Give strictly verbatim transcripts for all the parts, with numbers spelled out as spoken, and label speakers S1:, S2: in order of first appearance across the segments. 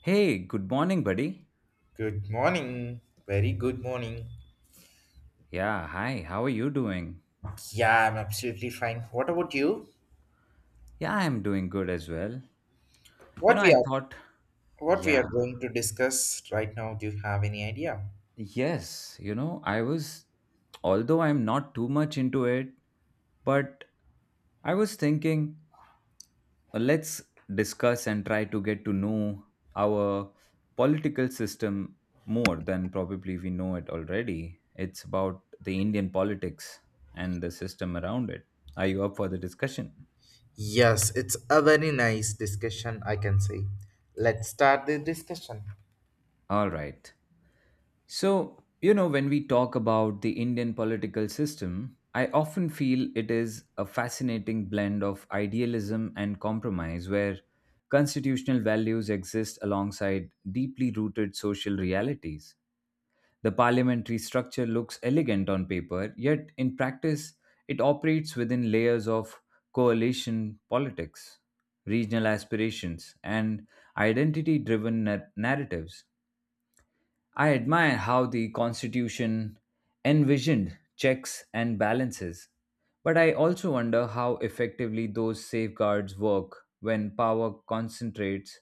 S1: Hey, good morning, buddy.
S2: Good morning. Very good morning.
S1: Yeah, hi, how are you doing?
S2: Yeah, I'm absolutely fine. What about you?
S1: Yeah, I'm doing good as well. You
S2: What
S1: know,
S2: we
S1: I
S2: are
S1: thought,
S2: what we are
S1: yeah,
S2: going to discuss right now, do you have any idea?
S1: yes, you know, I was, although I'm not too much into it, but I was thinking, uh, let's discuss and try to get to know our political system more than probably we know it already. It's about the Indian politics and the system around it. Are you up for the discussion?
S2: Yes, it's a very nice discussion, I can say. Let's start the discussion.
S1: All right. So, you know, when we talk about the Indian political system, I often feel it is a fascinating blend of idealism and compromise where constitutional values exist alongside deeply rooted social realities. The parliamentary structure looks elegant on paper, yet in practice, it operates within layers of coalition politics, regional aspirations, and identity driven narratives. I admire how the Constitution envisioned checks and balances, but I also wonder how effectively those safeguards work when power concentrates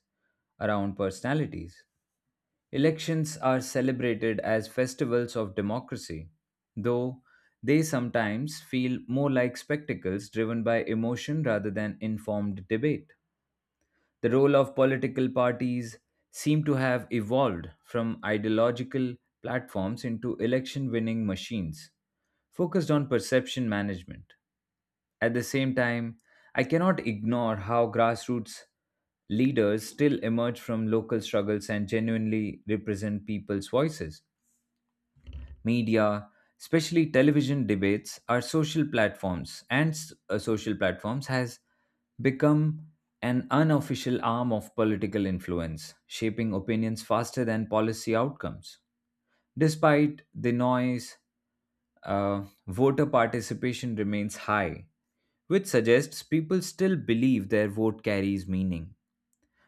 S1: around personalities. Elections are celebrated as festivals of democracy, though they sometimes feel more like spectacles driven by emotion rather than informed debate. The role of political parties seem to have evolved from ideological platforms into election winning machines focused on perception management. At the same time, I cannot ignore how grassroots leaders still emerge from local struggles and genuinely represent people's voices media, especially television debates, are social platforms, and s- uh, social platforms has become an unofficial arm of political influence, shaping opinions faster than policy outcomes. Despite the noise, uh, voter participation remains high, which suggests people still believe their vote carries meaning.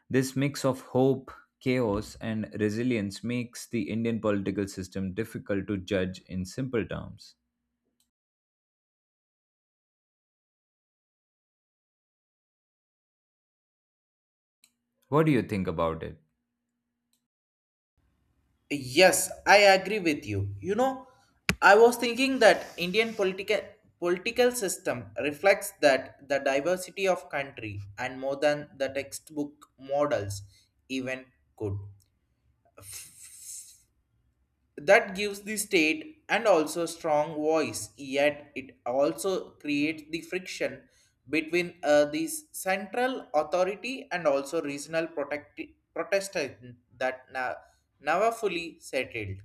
S1: This mix of hope, chaos, and resilience makes the Indian political system difficult to judge in simple terms. What do you think about it?
S2: Yes, I agree with you. You know, I was thinking that Indian political political system reflects that the diversity of country and more than the textbook models even could. That gives the state and also strong voice, yet it also creates the friction between uh, the central authority and also regional protect- protestant that na- never fully settled.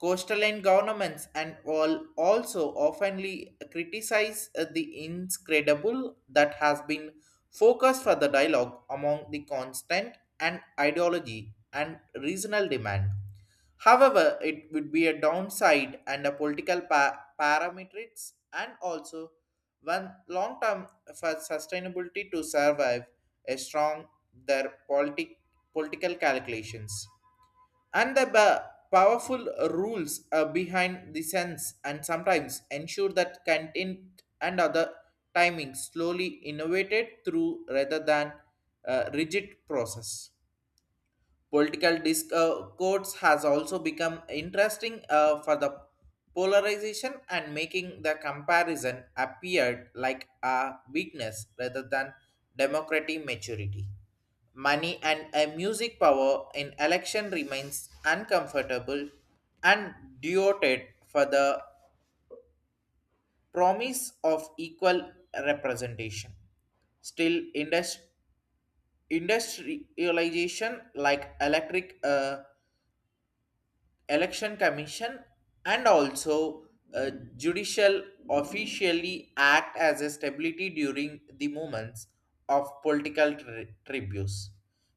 S2: Coastal governments and all also oftenly criticize uh, the inscredible that has been focused for the dialogue among the constant and ideology and regional demand. However, it would be a downside and a political pa- parametrics and also one long term for sustainability to survive a strong their politic political calculations and the ba- powerful rules uh, behind the sense, and sometimes ensure that content and other timing slowly innovated through rather than uh, rigid process. Political discourse has also become interesting uh, for the polarization and making the comparison appeared like a weakness rather than democratic maturity. Money and a music power in election remains uncomfortable and duoted for the promise of equal representation. Still, indus- industrialization like electric uh, election commission and also uh, judicial officially act as a stability during the moments of political tri- tributes.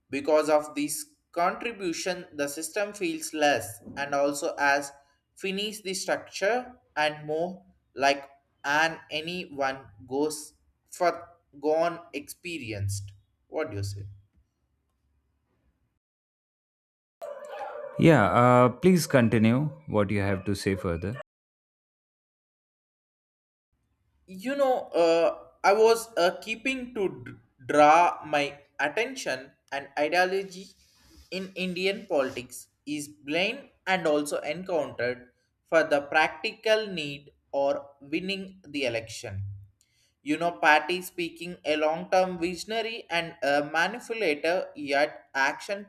S2: Because of this contribution, the system feels less and also as finish the structure and more like an anyone goes for gone experienced. What do you say?
S1: Yeah, uh, please continue what you have to say further.
S2: You know, uh, I was uh, keeping to d- draw my attention, and ideology in Indian politics is blamed and also encountered for the practical need or winning the election. You know, party speaking a long-term visionary and a manipulator, yet action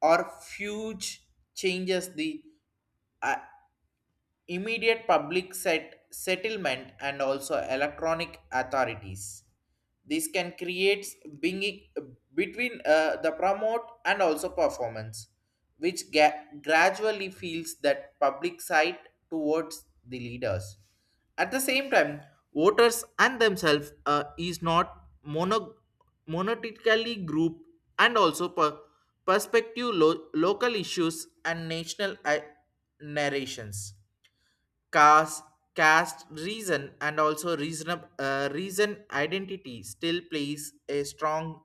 S2: or huge changes the uh, immediate public set settlement and also electronic authorities. This can create being between uh, the promote and also performance, which ga- gradually feels that public side towards the leaders. At the same time, voters and themselves uh, is not mono monotically group, and also per- perspective lo- local issues and national uh, narrations. Caste, caste reason and also reason, uh, reason identity still plays a strong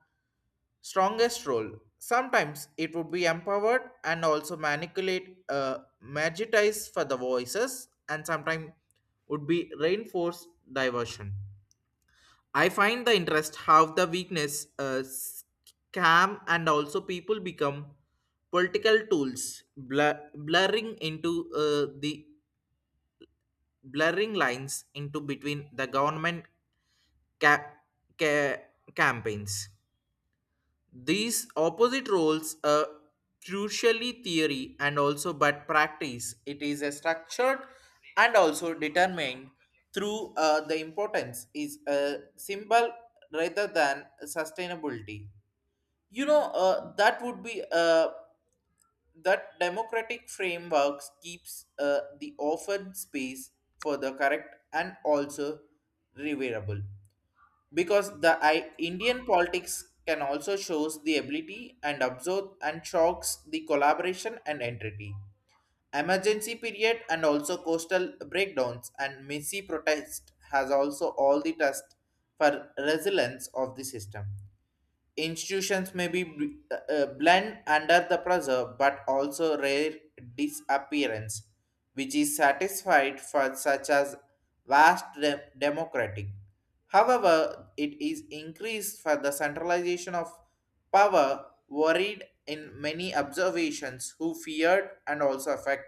S2: strongest role. Sometimes it would be empowered and also manipulate uh, magitize for the voices, and sometimes would be reinforce diversion. I find the interest how the weakness uh, scam and also people become political tools, blur- blurring into uh, the blurring lines into between the government ca- ca- campaigns. These opposite roles are crucially theory and also but practice. It is a structured and also determined through uh, the importance is a symbol rather than sustainability. You know, uh, that would be uh, that democratic frameworks keeps uh, the often space for the correct and also reverable, because the I- Indian politics can also shows the ability and absorb and shocks the collaboration and entity emergency period, and also coastal breakdowns and messy protest has also all the test for resilience of the system. Institutions may be bl- uh, uh, blend under the pressure, but also rare disappearance which is satisfied for such as vast de- democratic. However, it is increased for the centralization of power worried in many observations who feared and also affect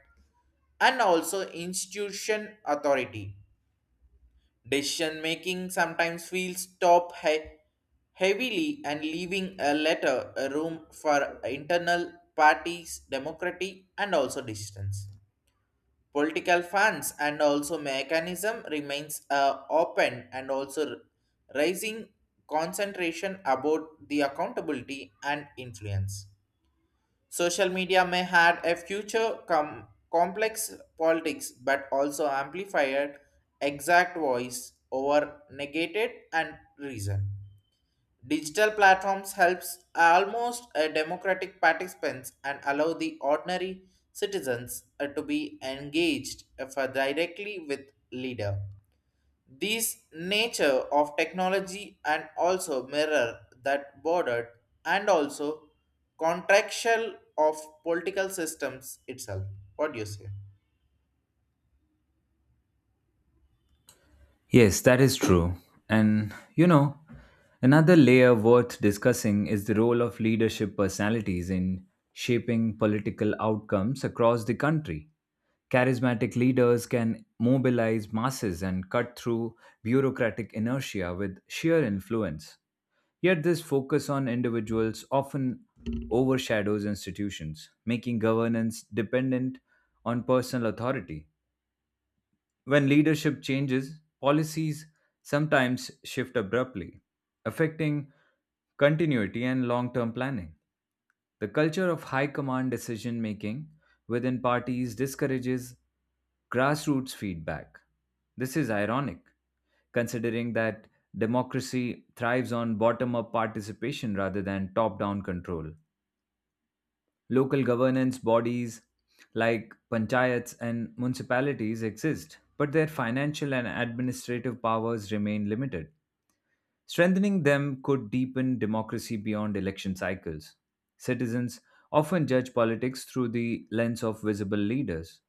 S2: and also institution authority. Decision making sometimes feels top he- heavily, and leaving a letter a room for internal parties, democracy, and also distance. Political funds and also mechanism remains uh, open and also raising concentration about the accountability and influence. Social media may had a future com- complex politics, but also amplified exact voice over negated and reason. Digital platforms helps almost a democratic participants and allow the ordinary citizens uh, to be engaged uh, for directly with leader. This nature of technology and also mirror that bordered and also contractual of political systems itself. What do you say?
S1: Yes, that is true. And you know, another layer worth discussing is the role of leadership personalities in shaping political outcomes across the country. Charismatic leaders can mobilize masses and cut through bureaucratic inertia with sheer influence. Yet, this focus on individuals often overshadows institutions, making governance dependent on personal authority. When leadership changes, policies sometimes shift abruptly, affecting continuity and long term planning. The culture of high command decision making within parties discourages grassroots feedback. This is ironic, considering that democracy thrives on bottom up participation rather than top down control. Local governance bodies like panchayats and municipalities exist, but their financial and administrative powers remain limited. Strengthening them could deepen democracy beyond election cycles. Citizens often judge politics through the lens of visible leaders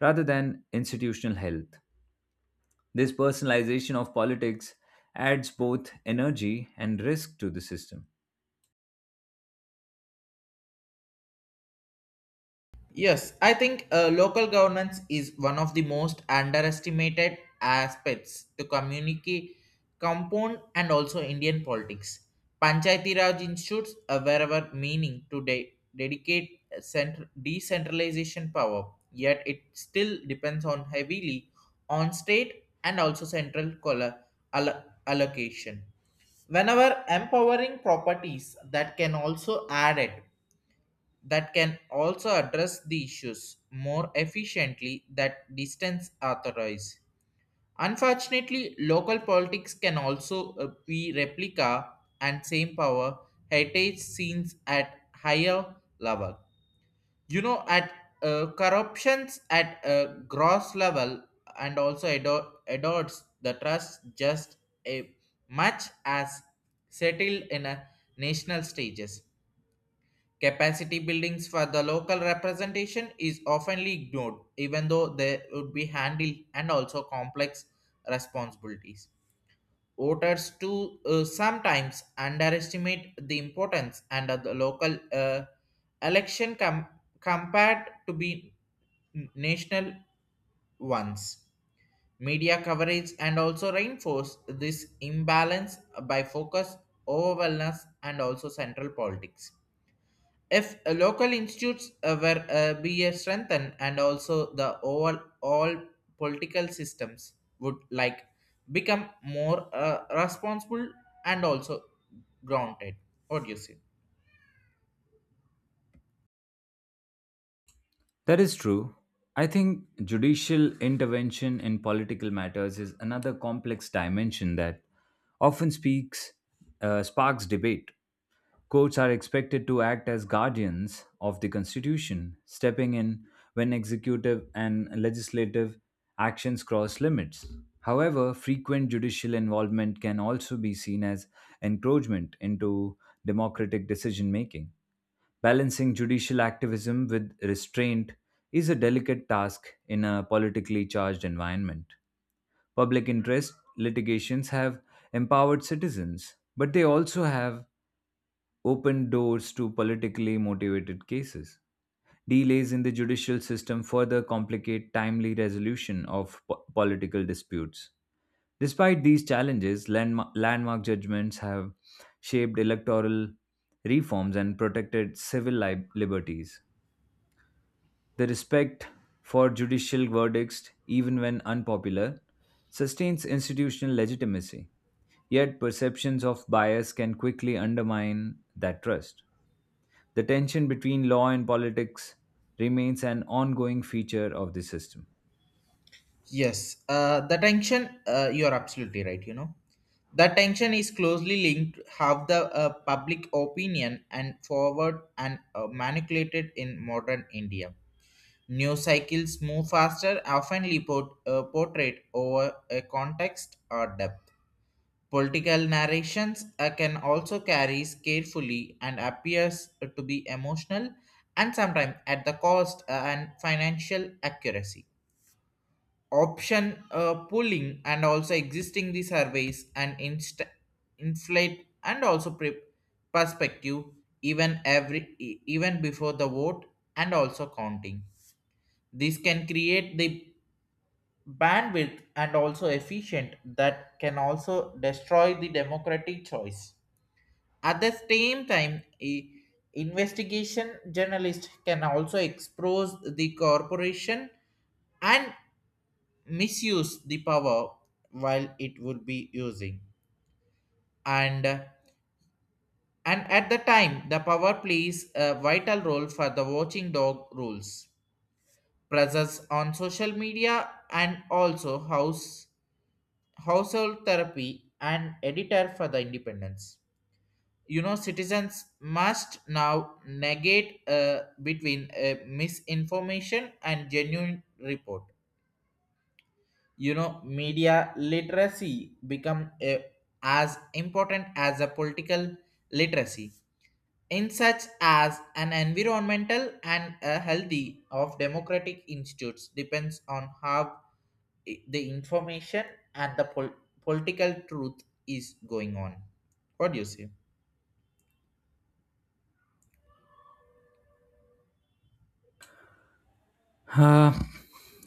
S1: rather than institutional health. This personalization of politics adds both energy and risk to the system.
S2: Yes, I think uh, local governance is one of the most underestimated aspects to communicate compound and also Indian politics. Panchayati Raj institutes a wherever meaning to de- dedicate central decentralization power, yet it still depends on heavily on state and also central color allo- allocation, whenever empowering properties that can also add it, that can also address the issues more efficiently that distance authorize. Unfortunately, local politics can also uh, be replica and same power heritage scenes at higher level. You know, at uh, corruptions at a gross level and also ador- adores the trust just a much as settled in a national stages. Capacity buildings for the local representation is often ignored, even though they would be handled and also complex responsibilities. Voters too uh, sometimes underestimate the importance and of the local uh, election com- compared to be n- national ones. Media coverage and also reinforce this imbalance by focus over wellness and also central politics. If uh, local institutes uh, were uh, be uh, strengthened, and also the overall all political systems would like become more uh, responsible and also grounded. What do you say?
S1: That is true. I think judicial intervention in political matters is another complex dimension that often speaks uh, sparks debate. Courts are expected to act as guardians of the constitution, stepping in when executive and legislative actions cross limits. However, frequent judicial involvement can also be seen as encroachment into democratic decision making. Balancing judicial activism with restraint is a delicate task in a politically charged environment. Public interest litigations have empowered citizens, but they also have opened doors to politically motivated cases. Delays in the judicial system further complicate timely resolution of po- political disputes. Despite these challenges, landmark, landmark judgments have shaped electoral reforms and protected civil li- liberties. The respect for judicial verdicts, even when unpopular, sustains institutional legitimacy. Yet, perceptions of bias can quickly undermine that trust. The tension between law and politics remains an ongoing feature of the system.
S2: Yes, uh, the tension, uh, you're absolutely right, you know. The tension is closely linked how the uh, public opinion and forward and uh, manipulated in modern India. New cycles move faster, often port, uh, portrayed over a context or depth. Political narrations uh, can also carry carefully and appears to be emotional, and sometimes at the cost uh, and financial accuracy. Option uh, pooling and also existing the surveys and inst- inflate and also pre- perspective even every e- even before the vote and also counting. This can create the bandwidth and also efficient that can also destroy the democratic choice. At the same time, a investigation journalist can also expose the corporation and misuse the power while it would be using, and and at the time the power plays a vital role for the watching dog rules presence on social media, and also house household therapy and editor for the independence. You know, citizens must now negate uh, between uh, misinformation and genuine report. You know, media literacy become uh, as important as a political literacy in such as an environmental and a healthy of democratic institutes depends on how i- the information and the pol- political truth is going on. What do you say?
S1: Uh,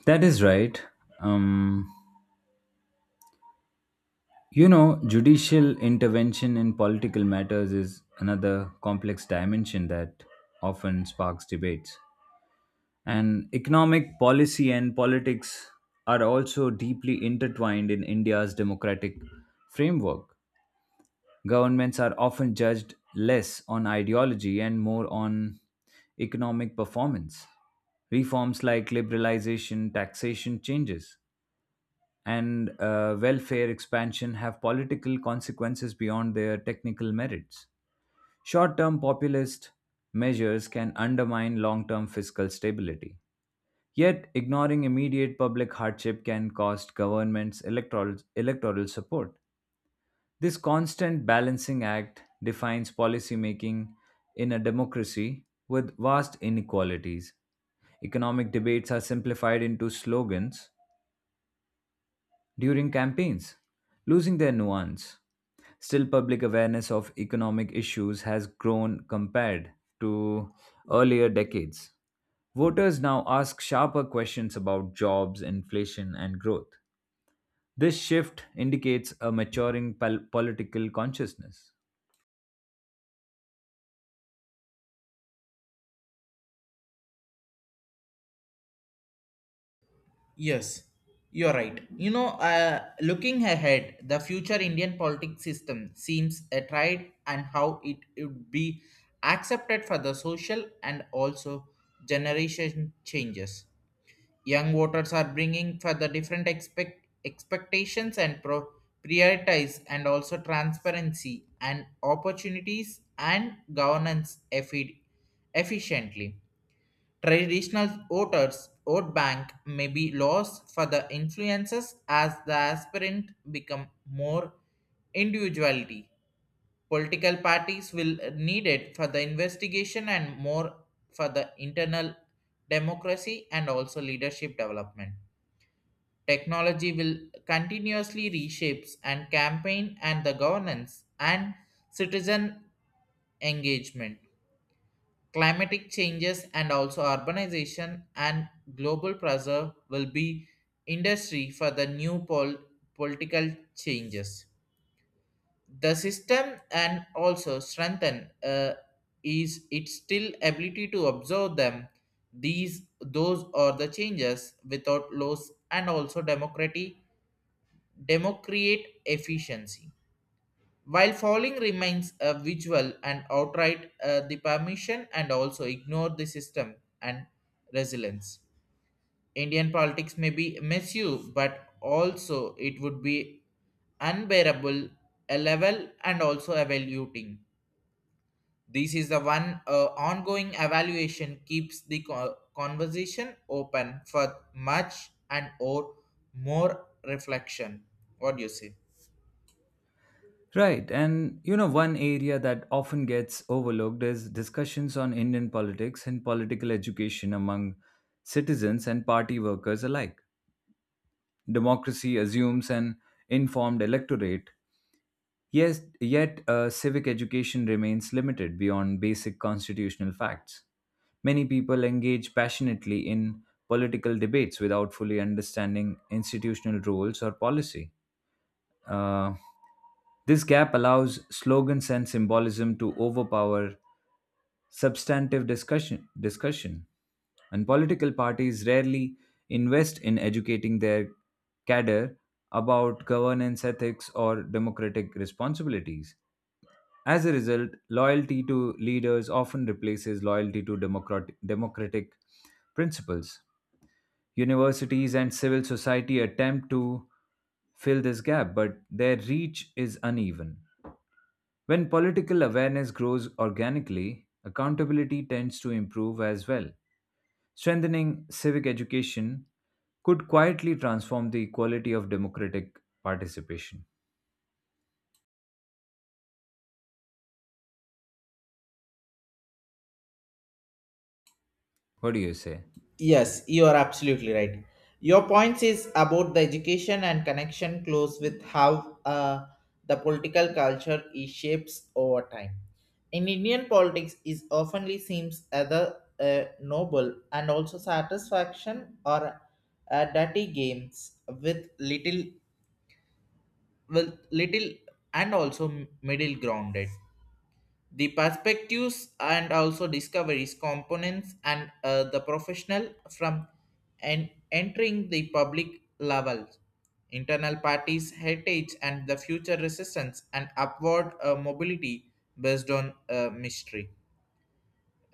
S1: that is right. Um, you know, judicial intervention in political matters is another complex dimension that often sparks debates. And economic policy and politics are also deeply intertwined in India's democratic framework. Governments are often judged less on ideology and more on economic performance. Reforms like liberalization, taxation changes, and uh, welfare expansion have political consequences beyond their technical merits. Short term populist measures can undermine long term fiscal stability. Yet, ignoring immediate public hardship can cost governments electoral, electoral support. This constant balancing act defines policymaking in a democracy with vast inequalities. Economic debates are simplified into slogans during campaigns, losing their nuance. Still, public awareness of economic issues has grown compared to earlier decades. Voters now ask sharper questions about jobs, inflation, and growth. This shift indicates a maturing pol- political consciousness.
S2: Yes, you're right. You know, uh, looking ahead, the future Indian politics system seems a tried and how it would be accepted for the social and also generation changes. Young voters are bringing for the different expect, expectations and pro- prioritize and also transparency and opportunities and governance effi- efficiently. Traditional voters vote bank may be lost for the influences as the aspirant become more individuality. Political parties will need it for the investigation and more for the internal democracy and also leadership development. Technology will continuously reshapes and campaign and the governance and citizen engagement. Climatic changes and also urbanization and global pressure will be industry for the new pol- political changes. The system and also strengthen uh, is its still ability to observe them, these those are the changes without loss and also democracy democrate efficiency. While falling remains a visual and outright uh, the permission and also ignore the system and resilience. Indian politics may be misused, but also it would be unbearable a level and also evaluating. This is the one uh, ongoing evaluation keeps the co- conversation open for much and or more reflection. What do you say?
S1: Right, and you know, one area that often gets overlooked is discussions on Indian politics and political education among citizens and party workers alike. Democracy assumes an informed electorate, yes, yet uh, civic education remains limited beyond basic constitutional facts. Many people engage passionately in political debates without fully understanding institutional rules or policy. Uh, this gap allows slogans and symbolism to overpower substantive discussion, discussion, and political parties rarely invest in educating their cadre about governance ethics or democratic responsibilities. As a result, loyalty to leaders often replaces loyalty to democrat- democratic principles. Universities and civil society attempt to fill this gap, but their reach is uneven. When political awareness grows organically, accountability tends to improve as well. Strengthening civic education could quietly transform the quality of democratic participation. What do you say?
S2: Yes, you are absolutely right. Your points is about the education and connection close with how uh, the political culture is shapes over time. In Indian politics, is oftenly seems either uh, noble and also satisfaction or uh, dirty games with little with little and also middle grounded the perspectives and also discoveries components and uh, the professional from and entering the public levels internal parties heritage and the future resistance and upward uh, mobility based on uh, mystery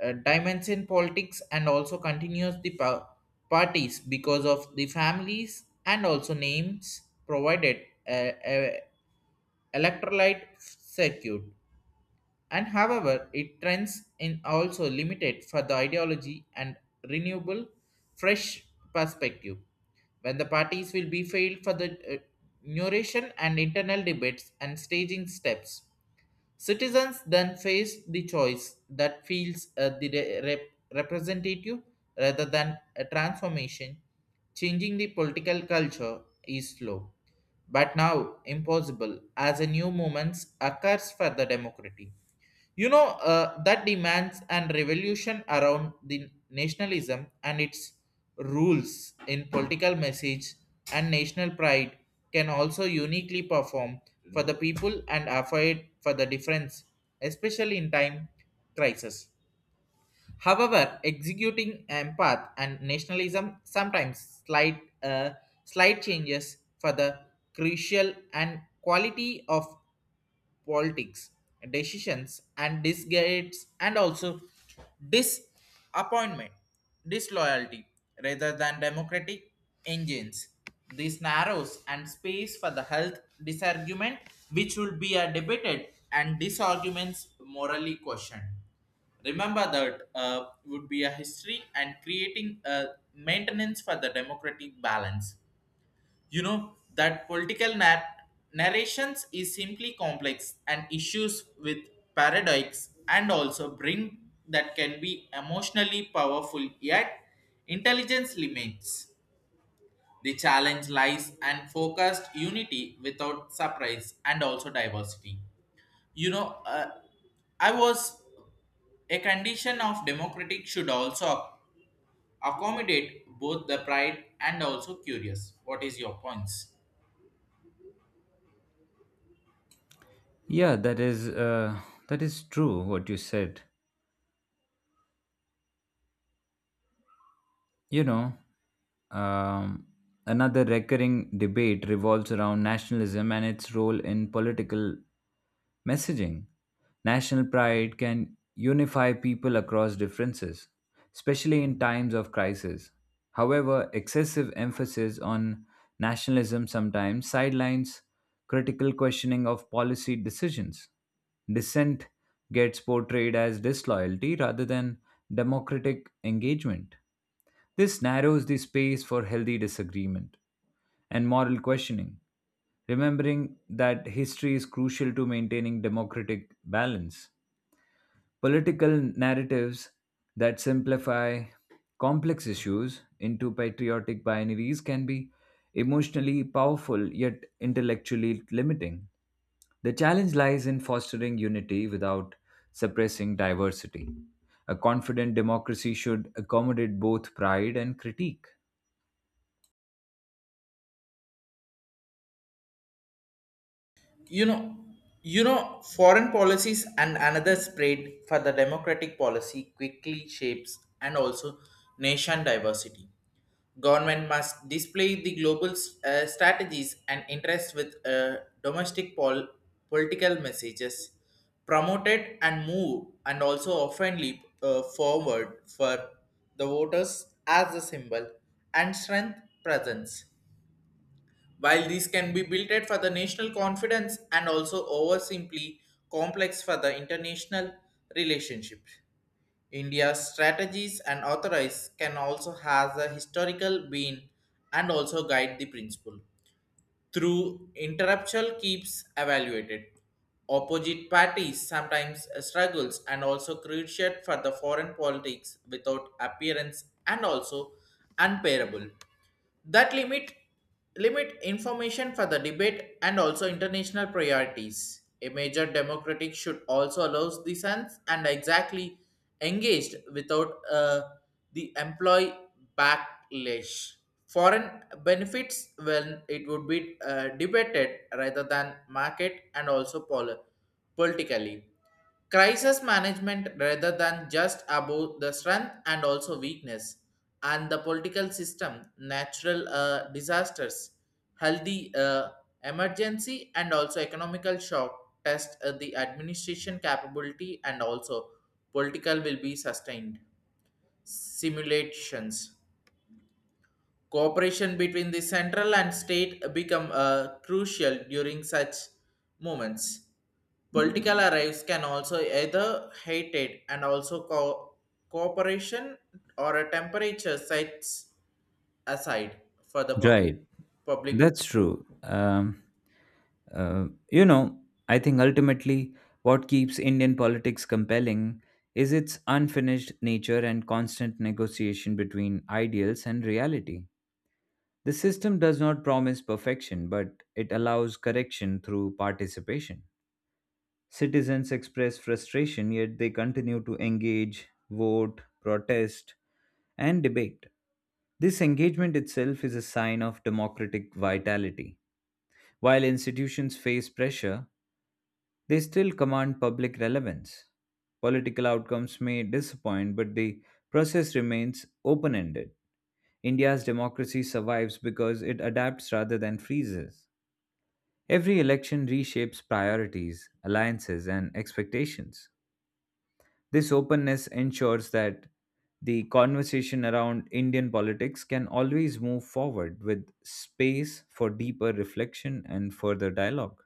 S2: uh, dimension politics and also continues the pa- parties because of the families and also names provided uh, uh, electrolyte circuit, and however it trends in also limited for the ideology and renewable fresh perspective when the parties will be failed for the uh, narration and internal debates and staging steps. Citizens then face the choice that feels uh, the re- rep- representative rather than a transformation. Changing the political culture is slow but now impossible as a new movement occurs for the democracy. You know, uh, that demands and revolution around the nationalism and its rules in political message and national pride can also uniquely perform for the people and afford for the difference, especially in time crisis. However, executing empath and nationalism sometimes slight uh, slight changes for the crucial and quality of politics decisions and disgates and also disappointment disloyalty rather than democratic engines, this narrows and space for the health disargument which will be a debated and disarguments morally questioned. Remember that uh, would be a history and creating a maintenance for the democratic balance. You know that political nar- narrations is simply complex and issues with paradox and also bring that can be emotionally powerful yet intelligence limits. The challenge lies and focused unity without surprise and also diversity. You know, uh, I was a condition of democratic should also accommodate both the pride and also curious. What is your points?
S1: Yeah, that is uh, that is true what you said. You know, um, another recurring debate revolves around nationalism and its role in political messaging. National pride can unify people across differences, especially in times of crisis. However, excessive emphasis on nationalism sometimes sidelines critical questioning of policy decisions. Dissent gets portrayed as disloyalty rather than democratic engagement. This narrows the space for healthy disagreement and moral questioning, remembering that history is crucial to maintaining democratic balance. Political narratives that simplify complex issues into patriotic binaries can be emotionally powerful yet intellectually limiting. The challenge lies in fostering unity without suppressing diversity. A confident democracy should accommodate both pride and critique.
S2: you know you know foreign policies and another spread for the democratic policy quickly shapes and also nation diversity. Government must display the global uh, strategies and interests with uh, domestic pol- political messages promoted and move and also often leap uh, forward for the voters as a symbol and strength presence, while these can be built for the national confidence and also over simply complex for the international relationship. India's strategies and authorize can also has a historical being and also guide the principle. Through interruptual keeps evaluated. Opposite parties sometimes struggles and also cruciate for the foreign politics without appearance and also unparable that limit limit information for the debate and also international priorities. A major democratic should also allows the sense and exactly engaged without uh, the employee backlash. Foreign benefits when it would be uh, debated rather than market and also pol- politically crisis management rather than just about the strength and also weakness and the political system natural uh, disasters, healthy uh, emergency and also economical shock test uh, the administration capability and also political will be sustained simulations. Cooperation between the central and state become uh, crucial during such moments. Political arrives can also either hate it and also co- cooperation or a temperature sets aside for the public
S1: Right.
S2: public
S1: That's
S2: good.
S1: true. Um, uh, you know, I think ultimately what keeps Indian politics compelling is its unfinished nature and constant negotiation between ideals and reality. The system does not promise perfection, but it allows correction through participation. Citizens express frustration, yet they continue to engage, vote, protest, and debate. This engagement itself is a sign of democratic vitality. While institutions face pressure, they still command public relevance. Political outcomes may disappoint, but the process remains open ended. India's democracy survives because it adapts rather than freezes. Every election reshapes priorities, alliances, and expectations. This openness ensures that the conversation around Indian politics can always move forward with space for deeper reflection and further dialogue.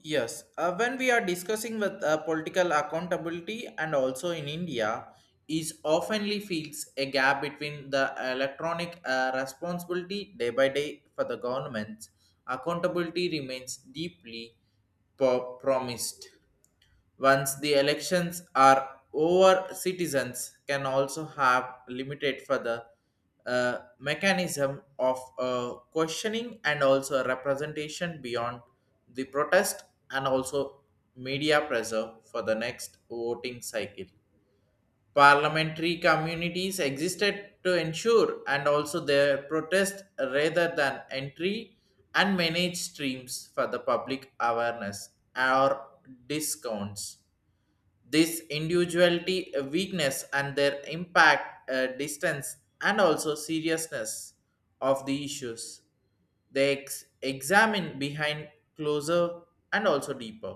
S2: Yes, uh, when we are discussing with uh, political accountability and also in India, is oftenly feels a gap between the electronic uh, responsibility day by day for the governments. Accountability remains deeply po- promised. Once the elections are over, citizens can also have limited for the uh, mechanism of uh, questioning and also representation beyond the protest and also media pressure for the next voting cycle. Parliamentary communities existed to ensure and also their protest rather than entry and manage streams for the public awareness or discounts this individuality uh, weakness and their impact uh, distance and also seriousness of the issues they ex- examine behind closer and also deeper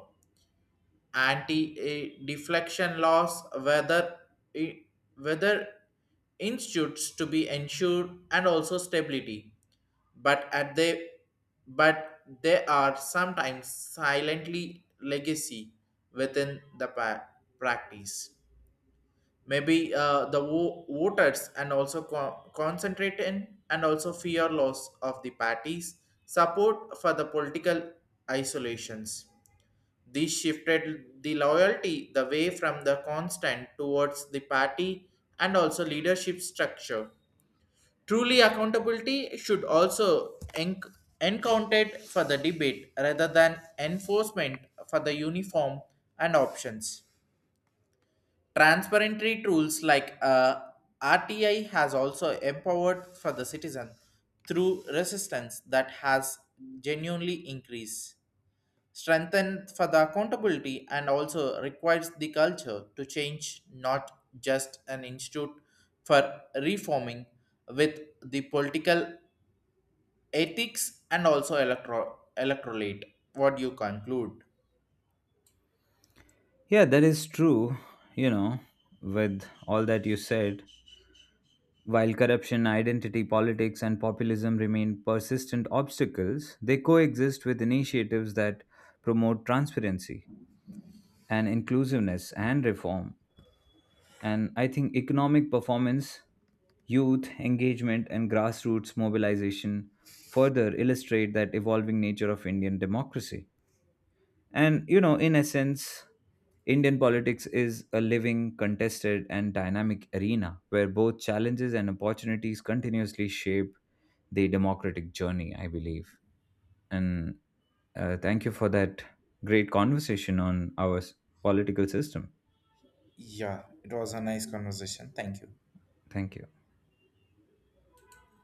S2: anti uh, deflection laws whether i- whether institutes to be ensured and also stability, but at they but they are sometimes silently legacy within the pa- practice. Maybe uh, the wo- voters and also co- concentrate in and also fear loss of the parties support for the political isolations. This shifted the loyalty the way from the constant towards the party and also leadership structure. Truly accountability should also enc- encountered for the debate rather than enforcement for the uniform and options. Transparency tools like uh, R T I has also empowered for the citizen through resistance that has genuinely increased. Strengthened for the accountability and also requires the culture to change, not just an institute for reforming with the political ethics and also electro- electorate. What do you conclude?
S1: Yeah, that is true. You know, with all that you said, while corruption, identity politics, and populism remain persistent obstacles, they coexist with initiatives that promote transparency and inclusiveness and reform. And I think economic performance, youth engagement, and grassroots mobilization further illustrate that evolving nature of Indian democracy. And, you know, in essence, Indian politics is a living, contested, and dynamic arena where both challenges and opportunities continuously shape the democratic journey, I believe. And uh, thank you for that great conversation on our s- political system.
S2: Yeah, it was a nice conversation. Thank you.
S1: Thank you.